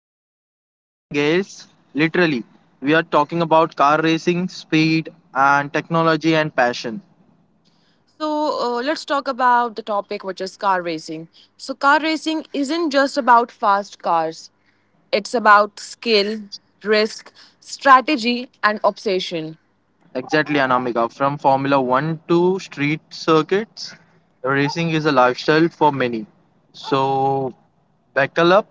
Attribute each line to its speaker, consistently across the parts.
Speaker 1: are shifting gears. Literally, we are talking about car racing, speed, and technology and passion.
Speaker 2: Let's talk about the topic, which is car racing. So, car racing isn't just about fast cars, it's about skill, risk, strategy, and obsession.
Speaker 1: Exactly, Anamika. From Formula One to street circuits, racing is a lifestyle for many. So, buckle up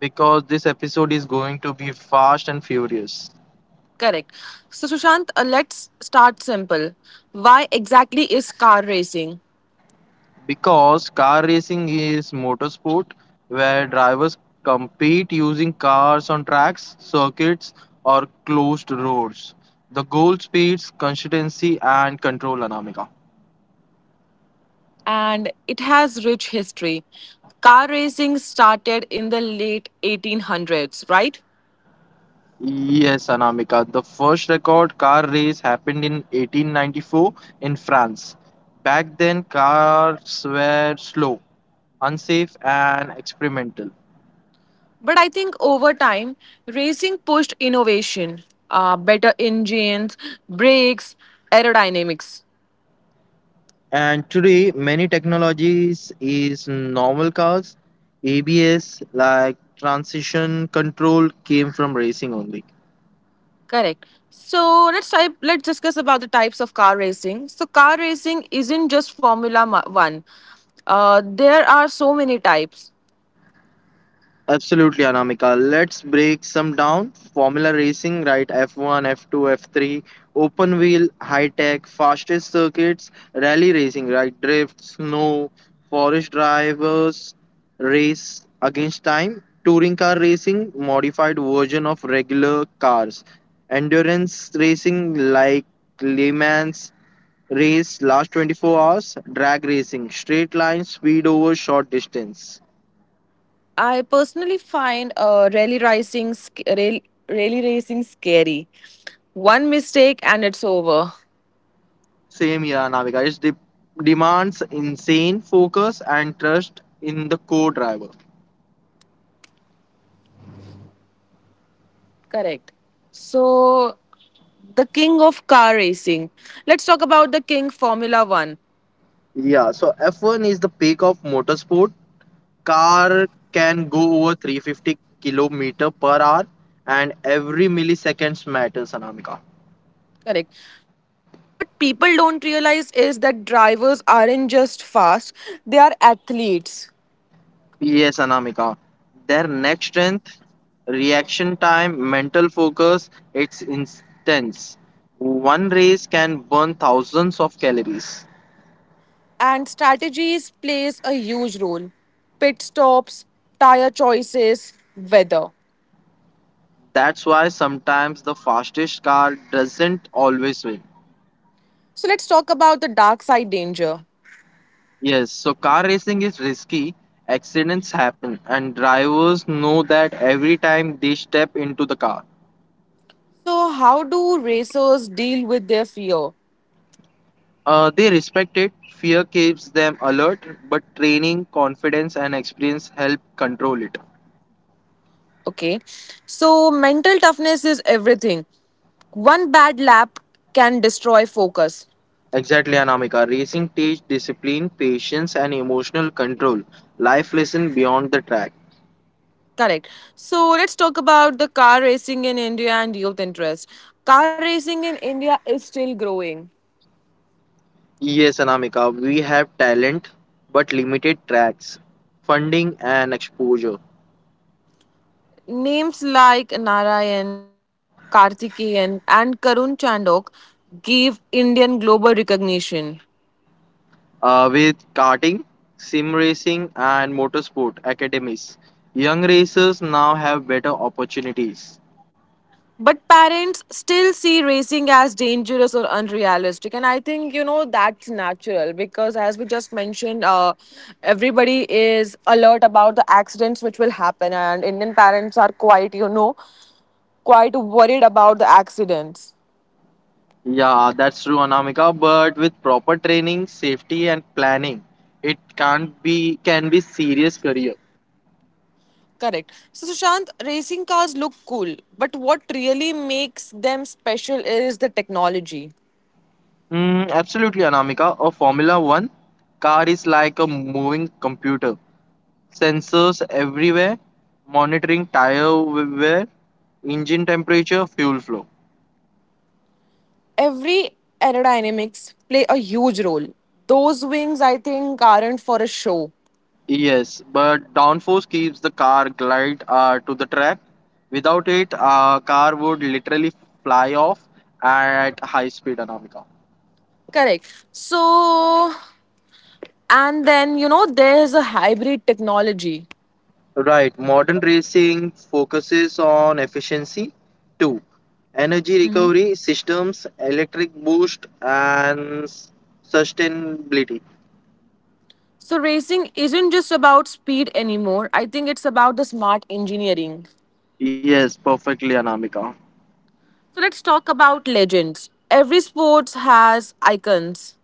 Speaker 1: because this episode is going to be fast and furious.
Speaker 2: Correct. So, Sushant, let's start simple. Why exactly is car racing?
Speaker 1: Because car racing is motorsport where drivers compete using cars on tracks, circuits, or closed roads. The goal speeds, consistency, and control, Anamika.
Speaker 2: And it has rich history. Car racing started in the late 1800s, right?
Speaker 1: Yes, Anamika. The first record car race happened in 1894 in France. Back then, cars were slow, unsafe, and experimental.
Speaker 2: But I think over time, racing pushed innovation, better engines, brakes, aerodynamics.
Speaker 1: And today, many technologies is normal cars. ABS like transition control came from racing only.
Speaker 2: Correct. So let's discuss about the types of car racing. So car racing isn't just One. There are so many types.
Speaker 1: Absolutely, Anamika. Let's break some down. Formula racing, right? F1, F2, F3, open wheel, high tech, fastest circuits, rally racing, right? Drift, snow, forest drivers, race against time, touring car racing, modified version of regular cars, endurance racing like Le Mans race, last 24 hours, drag racing, straight line, speed over short distance.
Speaker 2: I personally find rally racing rally racing scary. One mistake and it's over.
Speaker 1: Same here, Navika. It demands insane focus and trust in the co-driver.
Speaker 2: Correct. So the king of car racing. Let's talk about the king Formula One.
Speaker 1: Yeah, so F1 is the peak of motorsport. Car can go over 350 kilometer per hour, and every milliseconds matters, Anamika.
Speaker 2: Correct. So I think what people don't realize is that drivers aren't just fast, they are athletes.
Speaker 1: Yes, Anamika. Their neck strength, reaction time, mental focus, it's intense. One race can burn thousands of calories.
Speaker 2: And strategies plays a huge role. Pit stops, tire choices, weather.
Speaker 1: That's why sometimes the fastest car doesn't always win.
Speaker 2: So let's talk about the dark side danger.
Speaker 1: Yes, so car racing is risky, accidents happen, and drivers know that every time they step into the car.
Speaker 2: So, how do racers deal with their fear?
Speaker 1: They respect it, fear keeps them alert, but training, confidence, and experience help control it.
Speaker 2: Okay, so mental toughness is everything. One bad lap can destroy focus.
Speaker 1: Exactly, Anamika. Racing teach discipline, patience, and emotional control. Life lesson beyond the track.
Speaker 2: Correct. So, let's talk about the car racing in India and youth interest. Car racing in India is still growing.
Speaker 1: Yes, Anamika, we have talent but limited tracks, funding, and exposure.
Speaker 2: Names like Narayan, Karthikeyan, and Karun Chandok gave Indian global recognition.
Speaker 1: With karting, sim racing, and motorsport academies, young racers now have better opportunities.
Speaker 2: But parents still see racing as dangerous or unrealistic. And I think, you know, that's natural because, as we just mentioned, everybody is alert about the accidents which will happen. And Indian parents are quite, you know, quite worried about the accidents.
Speaker 1: Yeah, that's true, Anamika, but with proper training, safety, and planning, it can't be can be serious career.
Speaker 2: Correct. So, Sushant, racing cars look cool, but what really makes them special is the technology.
Speaker 1: Absolutely, Anamika. A Formula One car is like a moving computer. Sensors everywhere, monitoring tire wear, engine temperature, fuel flow.
Speaker 2: Every aerodynamics play a huge role. Those wings, I think, aren't for a show.
Speaker 1: Yes, but downforce keeps the car glide to the track. Without it, a car would literally fly off at high speed, Anamika.
Speaker 2: Correct. So, and then, you know, there's a hybrid technology.
Speaker 1: Right, modern racing focuses on efficiency. Two, energy recovery systems, electric boost, and sustainability.
Speaker 2: So, racing isn't just about speed anymore. I think it's about the smart engineering.
Speaker 1: Yes, perfectly, Anamika.
Speaker 2: So, let's talk about legends. Every sports has icons.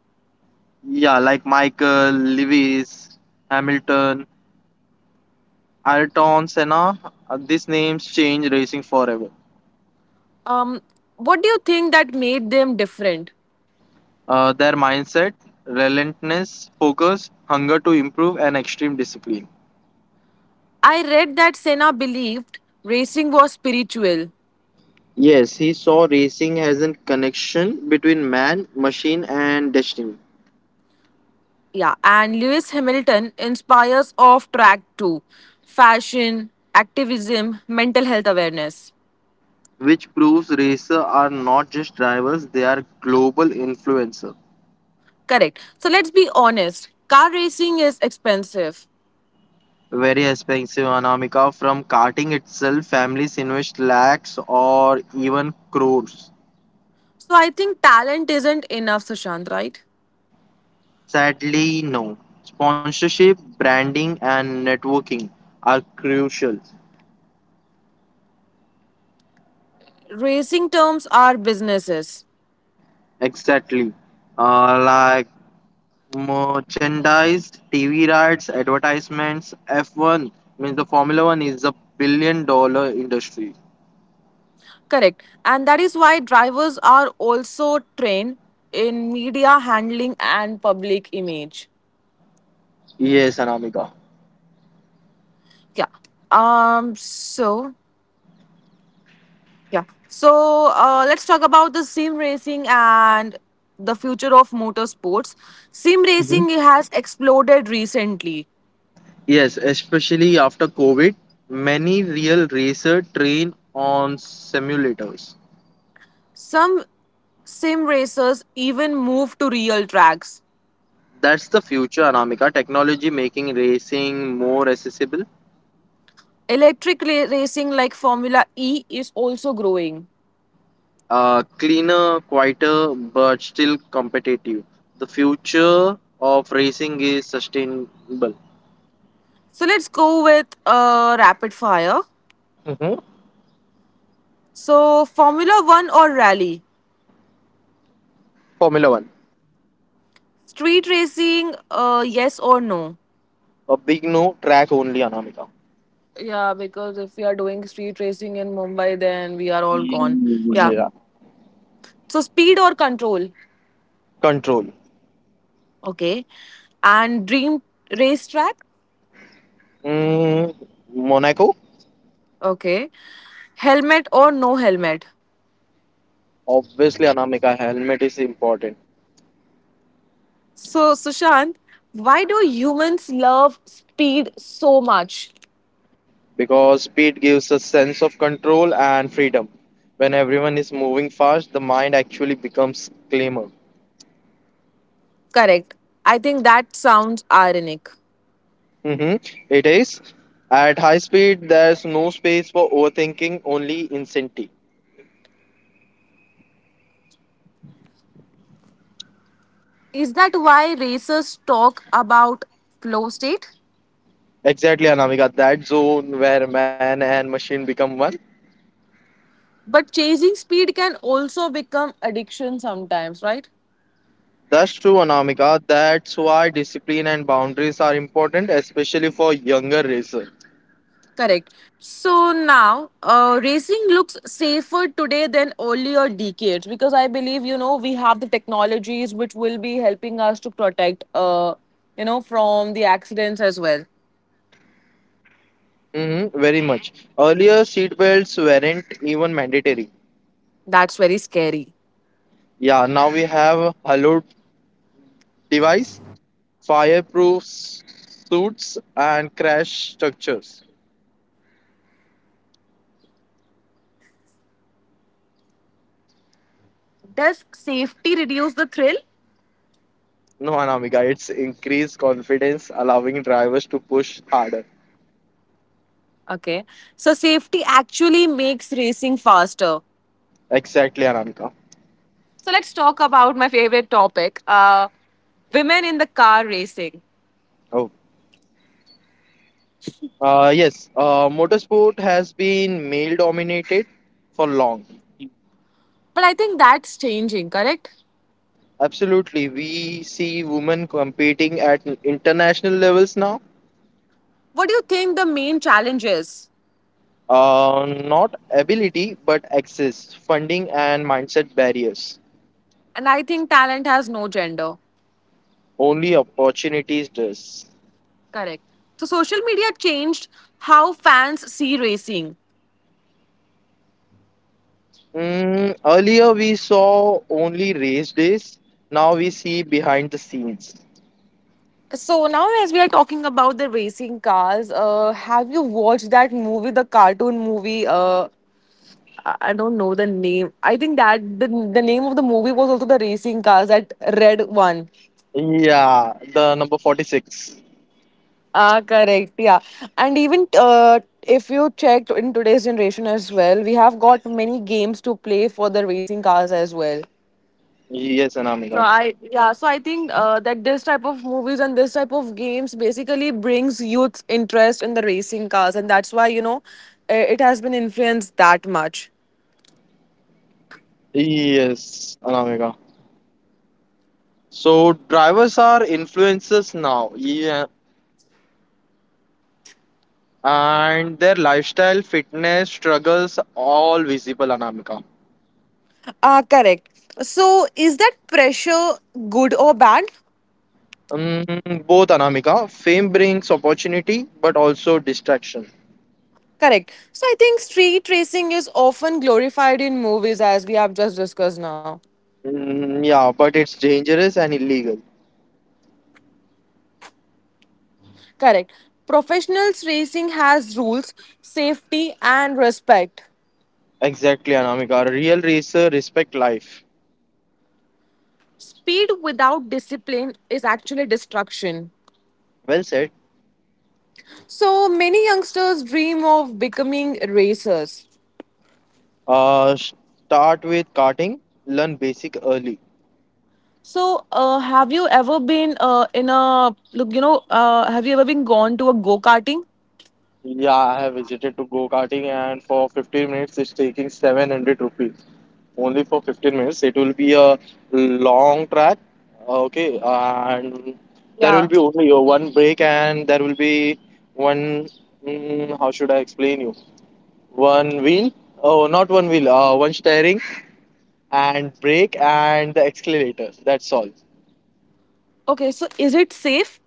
Speaker 1: Yeah, like Michael, Lewis, Hamilton, Ayrton Senna, these names change racing forever.
Speaker 2: Um, what do you think that made them different?
Speaker 1: Their mindset, relentlessness, focus, hunger to improve, and extreme discipline.
Speaker 2: I read that Senna believed racing was spiritual.
Speaker 1: Yes, he saw racing as a connection between man, machine, and destiny,
Speaker 2: Yeah, and Lewis Hamilton inspires off track too. Fashion, activism, mental health awareness.
Speaker 1: which proves racers are not just drivers, they are global influencers.
Speaker 2: Correct. So let's be honest. Car racing is expensive.
Speaker 1: Very expensive, Anamika. From karting itself, families invest lakhs or even crores.
Speaker 2: So I think talent isn't enough, Sushant, right?
Speaker 1: Sadly, no. Sponsorship, branding, and networking are crucial.
Speaker 2: Racing terms are businesses.
Speaker 1: Exactly. Like merchandise, TV rights, advertisements, F1 means the Formula One is a $1 billion industry.
Speaker 2: Correct. And that is why drivers are also trained in media handling and public image.
Speaker 1: Yes, Anamika.
Speaker 2: Yeah. Um so yeah. So let's talk about the sim racing and the future of motorsports. Sim
Speaker 1: Mhm.
Speaker 2: racing has exploded recently.
Speaker 1: Yes, especially after COVID, many real racer train on simulators.
Speaker 2: Some sim racers even move to real tracks.
Speaker 1: That's the future, Anamika. Technology making racing more accessible,
Speaker 2: Electric racing like Formula E is also growing.
Speaker 1: cleaner, quieter, but still competitive. The future of racing is sustainable.
Speaker 2: So let's go with rapid fire.
Speaker 1: Mhm.
Speaker 2: So, Formula One or rally?
Speaker 1: Formula One.
Speaker 2: Street racing, yes or no?
Speaker 1: A big no, track only, Anamika.
Speaker 2: Yeah, because if we are doing street racing in Mumbai, then we are all gone. Yeah.
Speaker 1: Yeah.
Speaker 2: So, speed or control?
Speaker 1: Control.
Speaker 2: Okay. And dream racetrack?
Speaker 1: Mm, Monaco.
Speaker 2: Okay. Helmet or no helmet?
Speaker 1: Obviously, Anamika, helmet is important.
Speaker 2: So, Sushant, why do humans love speed so much?
Speaker 1: Because speed gives a sense of control and freedom. When everyone is moving fast, the mind actually becomes calmer.
Speaker 2: Correct. I think that sounds ironic.
Speaker 1: Mm-hmm. It is. At high speed, there's no space for overthinking, only insanity.
Speaker 2: Is that why racers talk about flow state?
Speaker 1: Exactly, Anamika. That zone where man and machine become one.
Speaker 2: But chasing speed can also become addiction sometimes, right?
Speaker 1: That's true, Anamika. That's why discipline and boundaries are important, especially for younger racers.
Speaker 2: Correct. So now, racing looks safer today than earlier decades because I believe you know we have the technologies which will be helping us to protect, you know, from the accidents as well.
Speaker 1: Mm-hmm. Very much. Earlier, seat belts weren't even mandatory.
Speaker 2: That's very scary.
Speaker 1: Yeah, now we have halo device, fireproof suits, and crash structures.
Speaker 2: Does safety reduce the thrill?
Speaker 1: No, Anamika, it's increased confidence, allowing drivers to push harder.
Speaker 2: Okay. So safety actually makes racing faster.
Speaker 1: Exactly, Anamika.
Speaker 2: So let's talk about my favorite topic women in the car racing.
Speaker 1: Oh, yes. Motorsport has been male dominated for long.
Speaker 2: But I think that's changing, correct?
Speaker 1: Absolutely, we see women competing at international levels now.
Speaker 2: What do you think the main challenge is?
Speaker 1: Not ability, but access, funding, and mindset barriers.
Speaker 2: And I think talent has no gender.
Speaker 1: Only opportunities does.
Speaker 2: Correct. So social media changed how fans see racing.
Speaker 1: Earlier, we saw only race days. Now we see behind the scenes.
Speaker 2: So now, as we are talking about the racing cars, have you watched that movie, the cartoon movie? I don't know the name. I think that the name of the movie was also the racing cars, that red one.
Speaker 1: Yeah, the number 46.
Speaker 2: Ah, correct. Yeah. And even if you checked in today's generation as well, we have got many games to play for the racing cars as well.
Speaker 1: Yes,
Speaker 2: So
Speaker 1: Anamika.
Speaker 2: I yeah, so I think that this type of movies and this type of games basically brings youth's interest in the racing cars, and that's why you know it has been influenced that much.
Speaker 1: Yes, Anamika. So, drivers are influencers now. Yeah, and their lifestyle, fitness, struggles, all visible, Anamika.
Speaker 2: Ah, correct. So is that pressure good or bad?
Speaker 1: Both, Anamika. Fame brings opportunity, but also distraction.
Speaker 2: Correct. So I think street racing is often glorified in movies as we have just discussed now.
Speaker 1: Mm, yeah, but it's dangerous and illegal.
Speaker 2: Correct. Professionals racing has rules, safety and respect.
Speaker 1: Exactly, Anamika. A real racer respect life.
Speaker 2: Speed without discipline is actually destruction.
Speaker 1: Well said.
Speaker 2: So many youngsters dream of becoming racers.
Speaker 1: Uh, Start with karting. Learn basic early.
Speaker 2: So have you ever been in a look you know have you ever been gone to a go-karting?
Speaker 1: Yeah, I have visited to go-karting and for 15 minutes it's taking 700 rupees. Only for 15 minutes. It will be a long track. Okay, and there will
Speaker 2: Yeah.
Speaker 1: be only one break, and there will be one, how should I explain you? One wheel. Oh, not one wheel. One steering and brake and the accelerator. That's all.
Speaker 2: Okay, so is it safe?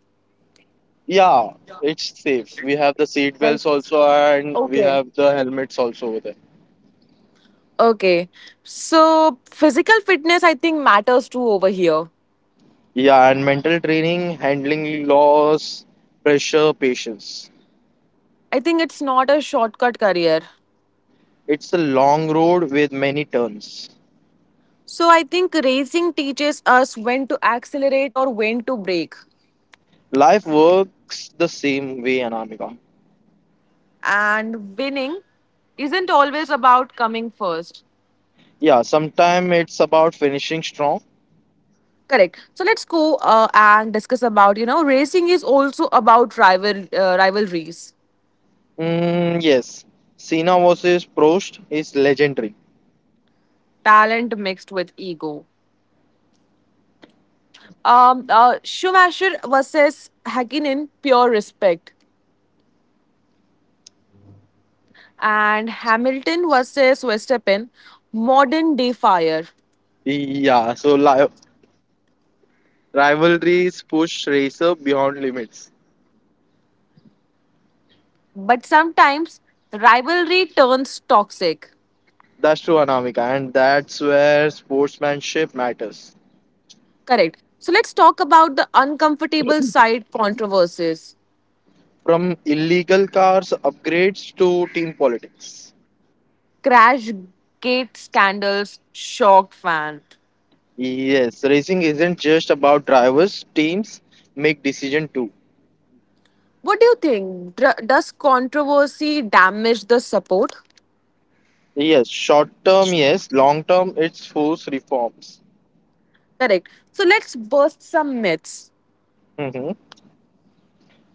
Speaker 1: Yeah, it's safe. We have the seat
Speaker 2: Like
Speaker 1: belts also and we
Speaker 2: okay.
Speaker 1: have the helmets also over there.
Speaker 2: Okay. So physical fitness I think matters too over here.
Speaker 1: Yeah, and mental training, handling loss, pressure, patience.
Speaker 2: I think it's not a shortcut career.
Speaker 1: It's a long road with many turns.
Speaker 2: So I think racing teaches us when to accelerate or when to brake.
Speaker 1: Life works the same way, Anamika.
Speaker 2: And winning isn't always about coming first.
Speaker 1: Yeah, sometimes it's about finishing strong.
Speaker 2: Correct. So let's go and discuss about, you know, racing is also about rivalries,
Speaker 1: Mm, yes, Cena versus Prost is legendary.
Speaker 2: talent mixed with ego. Schumacher versus Hakkinen, pure respect. And Hamilton versus Verstappen, modern day fire.
Speaker 1: Yeah, so rivalries push racer beyond limits.
Speaker 2: But sometimes rivalry turns toxic.
Speaker 1: That's true, Anamika, and that's where sportsmanship matters.
Speaker 2: Correct. So let's talk about the uncomfortable side controversies.
Speaker 1: From illegal cars upgrades to team politics.
Speaker 2: Crash gate scandals shocked fan.
Speaker 1: Yes, racing isn't just about drivers, teams make decision too.
Speaker 2: What do you think? Does controversy damage the support?
Speaker 1: Yes, short term, yes, long term, it's force reforms.
Speaker 2: Correct. So let's burst some myths.
Speaker 1: Mhm.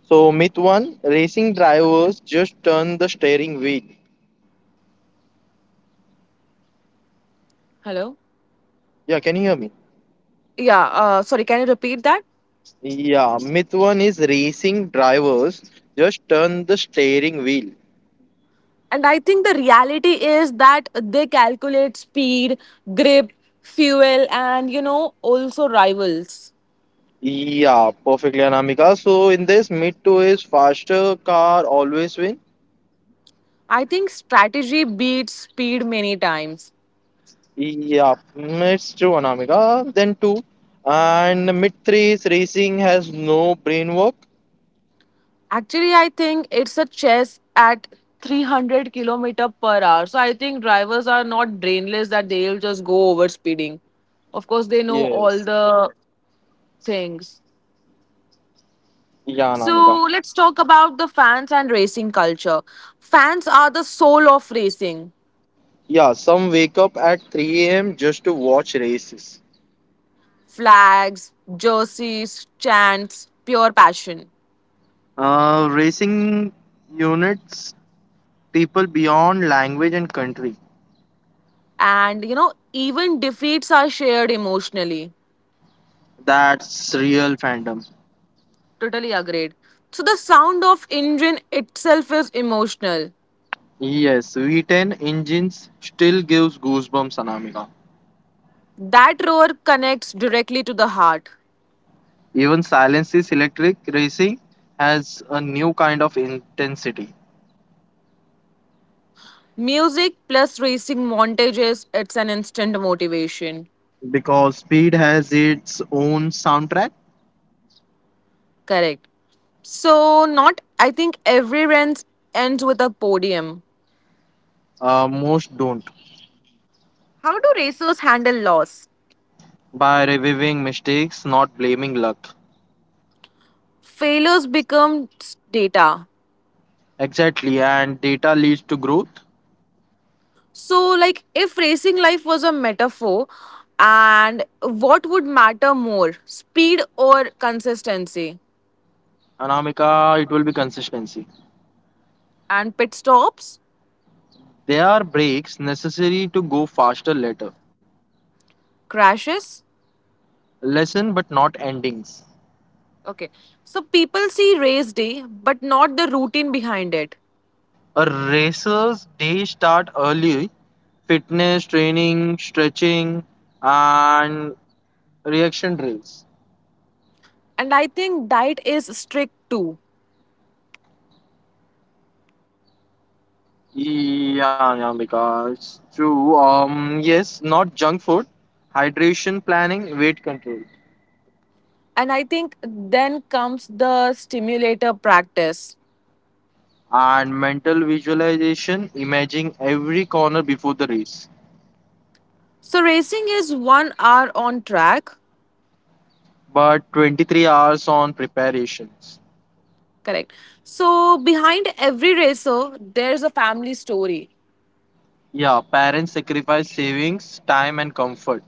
Speaker 1: So, myth one racing drivers just turn the steering wheel.
Speaker 2: Hello?
Speaker 1: Yeah, can you hear me?
Speaker 2: Yeah, sorry, can you repeat that?
Speaker 1: Yeah, myth one is racing drivers just turn the steering wheel.
Speaker 2: And I think the reality is that they calculate speed, grip, fuel, and you know, also rivals.
Speaker 1: Yeah, perfectly, Anamika. So, in this, myth two is faster car always win.
Speaker 2: I think strategy beats speed many times.
Speaker 1: Yeah, it's true, Anamika. Then two, and mid threes racing has no brain work.
Speaker 2: Actually, I think it's a chess at 300 kilometer per hour. So I think drivers are not brainless that they'll just go over speeding. Of course, they know all
Speaker 1: Yes.
Speaker 2: the things.
Speaker 1: Yeah, Anamika.
Speaker 2: So let's talk about the fans and racing culture. Fans are the soul of racing.
Speaker 1: Yeah, some wake up at 3 a.m. just to watch races.
Speaker 2: Flags, jerseys, chants, pure passion.
Speaker 1: Racing units, people beyond language and country.
Speaker 2: And you know, even defeats are shared emotionally.
Speaker 1: That's real fandom.
Speaker 2: Totally agreed. So the sound of engine itself is emotional.
Speaker 1: Yes, V10 engines still gives goosebumps, Anamika.
Speaker 2: That roar connects directly to the heart.
Speaker 1: Even Silence is Electric racing has a new kind of intensity.
Speaker 2: Music plus racing montages, it's an instant motivation.
Speaker 1: Because speed has its own soundtrack.
Speaker 2: Correct. So not I think every race ends with a podium.
Speaker 1: Most don't.
Speaker 2: How do racers handle loss?
Speaker 1: By reviewing mistakes, not blaming luck.
Speaker 2: Failures become data.
Speaker 1: Exactly, and data leads to growth.
Speaker 2: So, like, if racing life was a metaphor, and what would matter more, speed or consistency?
Speaker 1: Anamika, it will be consistency.
Speaker 2: And pit stops,
Speaker 1: There are breaks necessary to go faster later.
Speaker 2: crashes?
Speaker 1: Lesson, but not endings.
Speaker 2: Okay. So, people see race day, but not the routine behind it.
Speaker 1: A racer's day start early. Fitness, training, stretching, and reaction drills.
Speaker 2: And I think diet is strict too.
Speaker 1: Yeah, yeah, because true. Yes, not junk food, hydration planning, weight control,
Speaker 2: And I think then comes the stimulator practice.
Speaker 1: and mental visualization, imagining every corner before the race.
Speaker 2: So, racing is 1 hour on track.
Speaker 1: But 23 hours on preparations.
Speaker 2: Correct. So, behind every racer, there's a family story.
Speaker 1: Yeah, parents sacrifice savings, time, and comfort.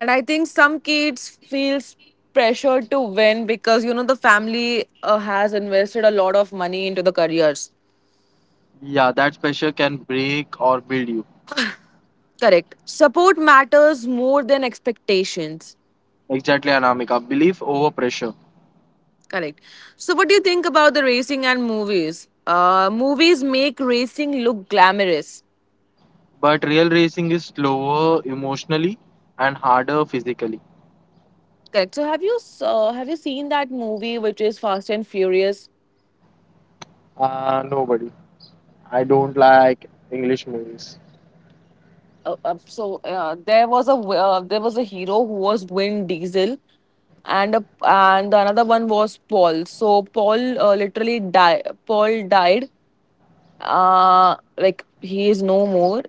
Speaker 2: And I think some kids feels pressure to win because you know the family has invested a lot of money into the careers.
Speaker 1: Yeah, that pressure can break or build you.
Speaker 2: Correct. Support matters more than expectations.
Speaker 1: Exactly, Anamika. Belief over pressure.
Speaker 2: Correct. So what do you think about the racing and movies? Movies make racing look glamorous.
Speaker 1: But real racing is slower emotionally and harder physically.
Speaker 2: Correct. So have you seen that movie which is Fast and Furious?
Speaker 1: Nobody. I don't like English movies.
Speaker 2: So there was there was a hero who was Vin Diesel, and and the another one was Paul. So Paul literally died. Paul died. Uh, like he is no more,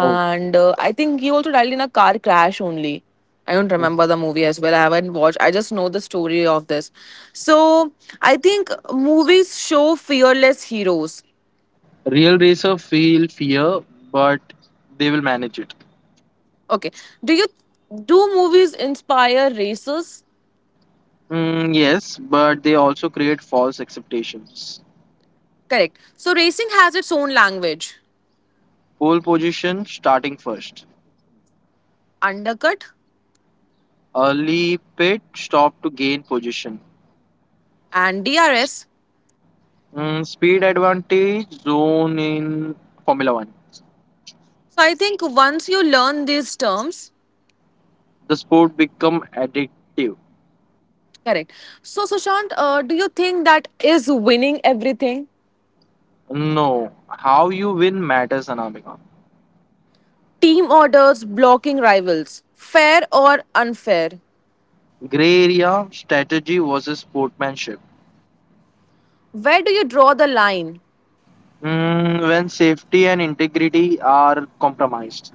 Speaker 1: Oh,
Speaker 2: I think he also died in a car crash only. I don't
Speaker 1: mhm.
Speaker 2: remember the movie as well. I haven't watched. I just know the story of this. So I think movies show fearless heroes.
Speaker 1: Real racer feel fear, but they will manage it.
Speaker 2: Okay, do you do movies inspire races?
Speaker 1: Mm, yes, but they also create false expectations.
Speaker 2: Correct. So racing has its own language,
Speaker 1: Pole position starting first.
Speaker 2: undercut
Speaker 1: Early pit stop to gain position.
Speaker 2: and DRS.
Speaker 1: Speed advantage zone in Formula One.
Speaker 2: So I think once you learn these terms,
Speaker 1: The sport become addictive.
Speaker 2: correct. So Sushant, do you think that is winning everything?
Speaker 1: No, how you win matters, Anamika.
Speaker 2: Team orders, blocking rivals, fair or unfair?
Speaker 1: Gray area strategy versus sportsmanship.
Speaker 2: Where do you draw the line?
Speaker 1: When safety and integrity are compromised.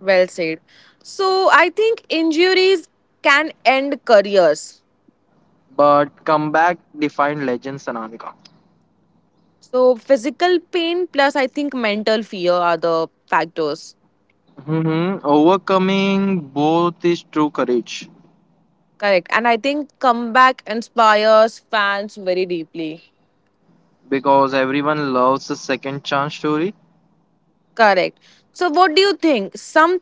Speaker 2: Well said. So I think injuries can end careers.
Speaker 1: But comeback defined legends, Anamika.
Speaker 2: So physical pain plus I think mental fear are the factors.
Speaker 1: Overcoming both is true courage.
Speaker 2: Correct. And I think comeback inspires fans very deeply.
Speaker 1: Because everyone loves a second chance story.
Speaker 2: Correct. So what do you think?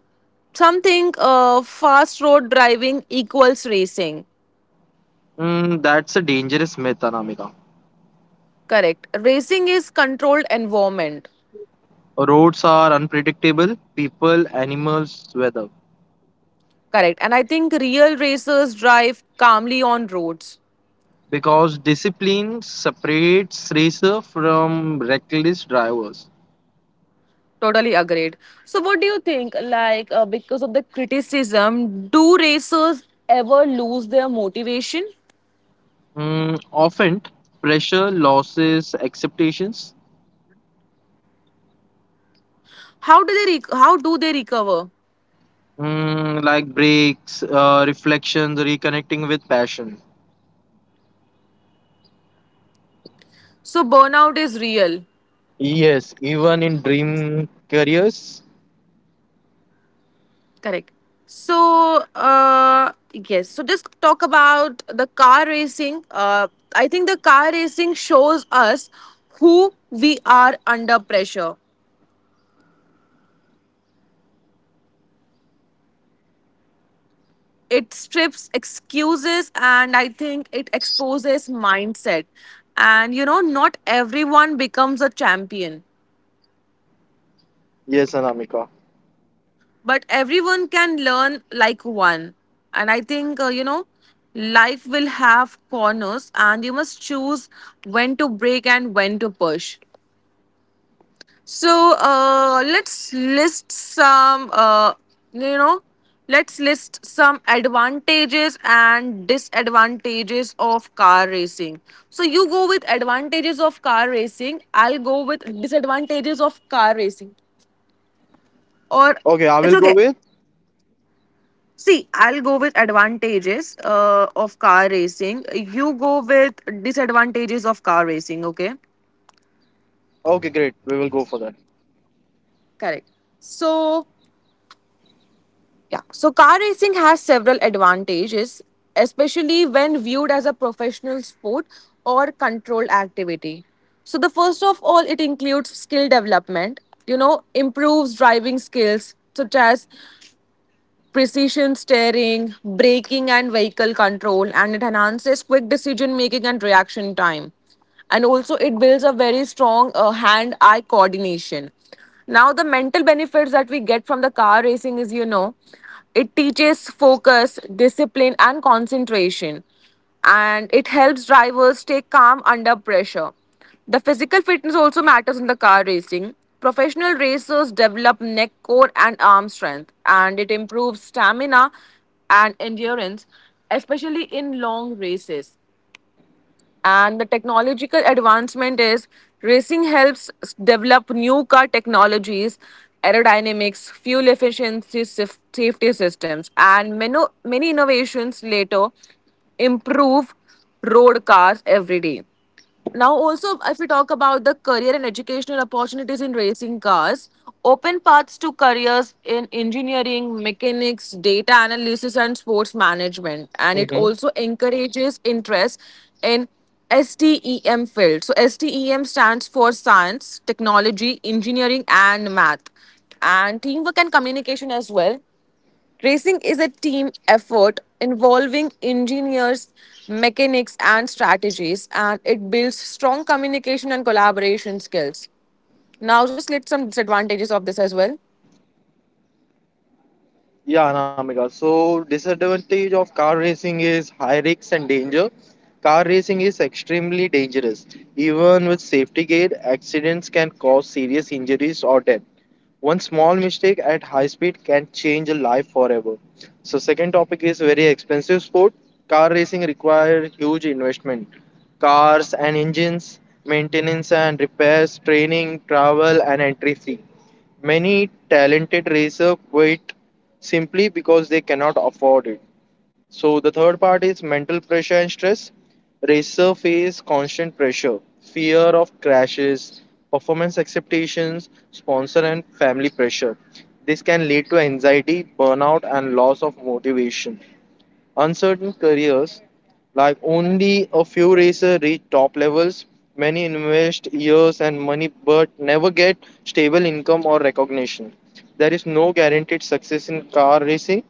Speaker 2: Some think fast road driving equals racing.
Speaker 1: That's a dangerous myth, Anamika.
Speaker 2: Correct. Racing is controlled environment.
Speaker 1: Roads are unpredictable, people, animals, weather.
Speaker 2: Correct. And I think real racers drive calmly on roads.
Speaker 1: Because discipline separates racer from reckless drivers.
Speaker 2: Totally agreed. So what do you think? Like because of the criticism, do racers ever lose their motivation?
Speaker 1: Often, pressure, losses, expectations.
Speaker 2: How do they recover?
Speaker 1: Like breaks, reflections, reconnecting with passion.
Speaker 2: So burnout is real.
Speaker 1: Yes, even in dream careers.
Speaker 2: Correct. So, yes. So, just talk about the car racing. I think the car racing shows us who we are under pressure. It strips excuses and I think it exposes mindset. And you know, not everyone becomes a champion,
Speaker 1: Yes, Anamika.
Speaker 2: but everyone can learn like one. And I think, you know, life will have corners and you must choose when to break and when to push. So let's list some, you know, let's list some advantages and disadvantages of car racing. So you go with advantages of car racing. I'll go with disadvantages of car racing. Or
Speaker 1: Okay, I
Speaker 2: it's
Speaker 1: will go
Speaker 2: okay.
Speaker 1: with.
Speaker 2: See, I'll go with advantages of car racing. You go with disadvantages of car racing. Okay.
Speaker 1: Okay, great. We will go for that.
Speaker 2: Correct. So yeah. So car racing has several advantages, especially when viewed as a professional sport or controlled activity. So the first of all, it includes skill development. Improves driving skills such as precision steering, braking, and vehicle control, and it enhances quick decision making and reaction time. And also, it builds a very strong hand eye coordination. Now, the mental benefits that we get from the car racing is it teaches focus, discipline, and concentration, and it helps drivers stay calm under pressure. The physical fitness also matters in the car racing. Professional racers develop neck, core, and arm strength, and it improves stamina and endurance, especially in long races. And the technological advancement is racing helps develop new car technologies, aerodynamics, fuel efficiency, safety systems, and many, many innovations later improve road cars every day. Now, also, if we talk about the career and educational opportunities in racing cars, open paths to careers in engineering, mechanics, data analysis, and sports management. And it also encourages interest in STEM field. So STEM stands for science, technology, engineering, and math, and teamwork and communication as well. Racing is a team effort involving engineers, mechanics, and strategies, and it builds strong communication and collaboration skills. Now, just let some disadvantages of this as well.
Speaker 1: Yeah, Anamika. So disadvantage of car racing is high risks and danger. Car racing is extremely dangerous. Even with safety gear, accidents can cause serious injuries or death. One small mistake at high speed can change a life forever. So second topic is very expensive sport. Car racing require huge investment. Cars and engines, maintenance and repairs, training, travel and entry fee. Many talented racer quit simply because they cannot afford it. So the third part is mental pressure and stress. Racer face constant pressure, fear of crashes, performance expectations, sponsor and family pressure. This can lead to anxiety, burnout, and loss of motivation. Uncertain careers, like only a few racers reach top levels. Many invest years and money but never get stable income or recognition. There is no guaranteed success in car racing.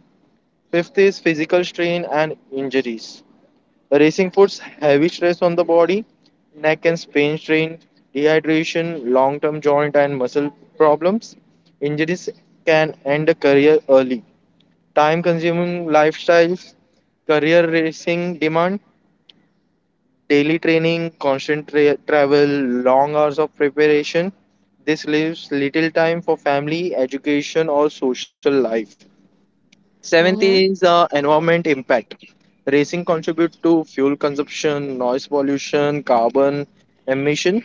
Speaker 1: Fifth is physical strain and injuries. Racing puts heavy stress on the body, neck and spine strain, dehydration, long term joint and muscle problems. Injuries can end a career early. Time consuming lifestyles, career racing demand, daily training, constant travel, long hours of preparation. This leaves little time for family, education, or social life. Seventh is environment impact. Racing contributes to fuel consumption, noise pollution, carbon emission.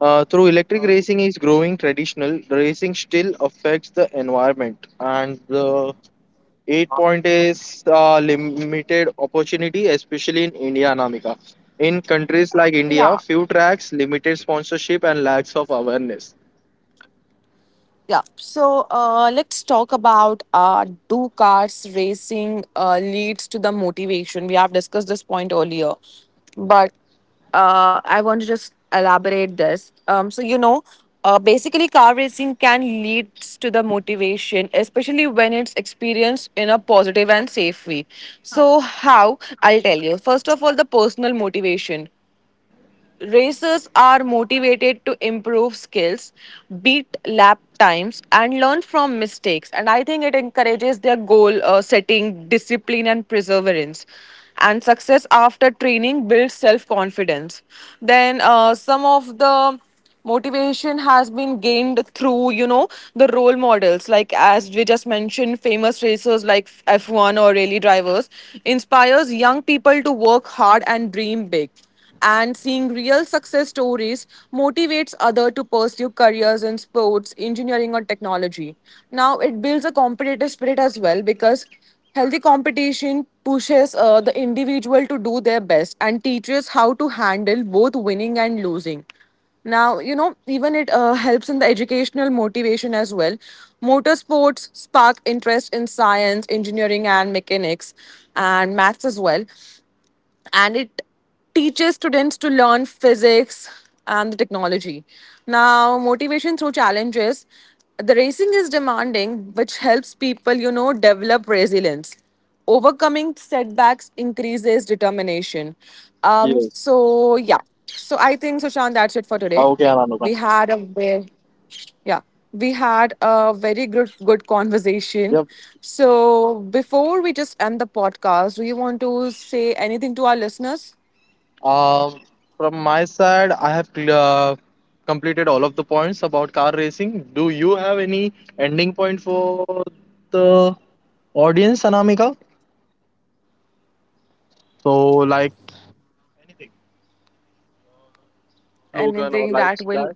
Speaker 1: Through electric racing is growing traditional, racing still affects the environment. And the eight point is limited opportunity, especially in India, Anamika. In countries like
Speaker 2: Yeah.
Speaker 1: India, few tracks, limited sponsorship, and lacks of awareness.
Speaker 2: Yeah, so let's talk about do cars racing leads to the motivation. We have discussed this point earlier, but I want to just elaborate this. So you know, basically, car racing can lead to the motivation, especially when it's experienced in a positive and safe way. So how? I'll tell you. First of all, the personal motivation. Racers are motivated to improve skills, beat lap times, and learn from mistakes. And I think it encourages their goal setting, discipline, and perseverance. And success after training builds self confidence. Then, some of the motivation has been gained through, you know, the role models. Like as we just mentioned, famous racers like F1 or rally drivers inspires young people to work hard and dream big, and seeing real success stories motivates other to pursue careers in sports engineering or technology. Now it builds a competitive spirit as well, because healthy competition pushes the individual to do their best and teaches how to handle both winning and losing. Now, you know, even it helps in the educational motivation as well. Motorsports spark interest in science, engineering, and mechanics, and maths as well, and it teaches students to learn physics and the technology. Now, motivation through challenges. The racing is demanding, which helps people, you know, develop resilience. Overcoming setbacks increases determination. Um,
Speaker 1: Yes.
Speaker 2: so yeah. So I think Sushant, that's it for today.
Speaker 1: Okay,
Speaker 2: We
Speaker 1: Anamika.
Speaker 2: had a very, yeah, we had a very good conversation.
Speaker 1: Yep.
Speaker 2: So before we just end the podcast, do you want to say anything to our listeners?
Speaker 1: Um, from my side, I have completed all of the points about car racing. Do you have any ending point for the audience, Anamika? So, like anything, slogan or
Speaker 2: Anything
Speaker 1: like
Speaker 2: that will,
Speaker 1: that,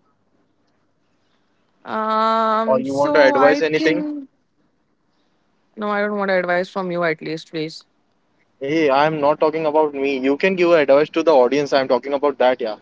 Speaker 1: or
Speaker 2: um
Speaker 1: you want to
Speaker 2: so
Speaker 1: advise
Speaker 2: I
Speaker 1: anything?
Speaker 2: think, no, I don't want advice from you at least, please.
Speaker 1: Hey, I'm not talking about me. You can give advice to the audience. I'm talking about that, yeah.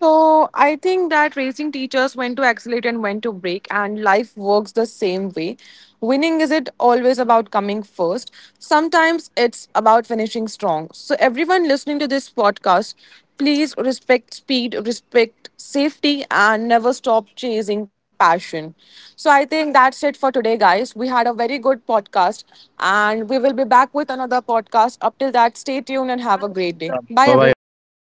Speaker 2: So I think that racing teachers when to accelerate and when to break, and life works the same way. Winning isn't always about coming first. Sometimes it's about finishing strong. So everyone listening to this podcast, please respect speed, respect safety, and never stop chasing passion. So I think that's it for today, guys. We had a very good podcast, and we will be back with another podcast. Up till that, stay tuned and have a great day. Bye,
Speaker 1: Bye bye,
Speaker 2: everyone.
Speaker 1: guys.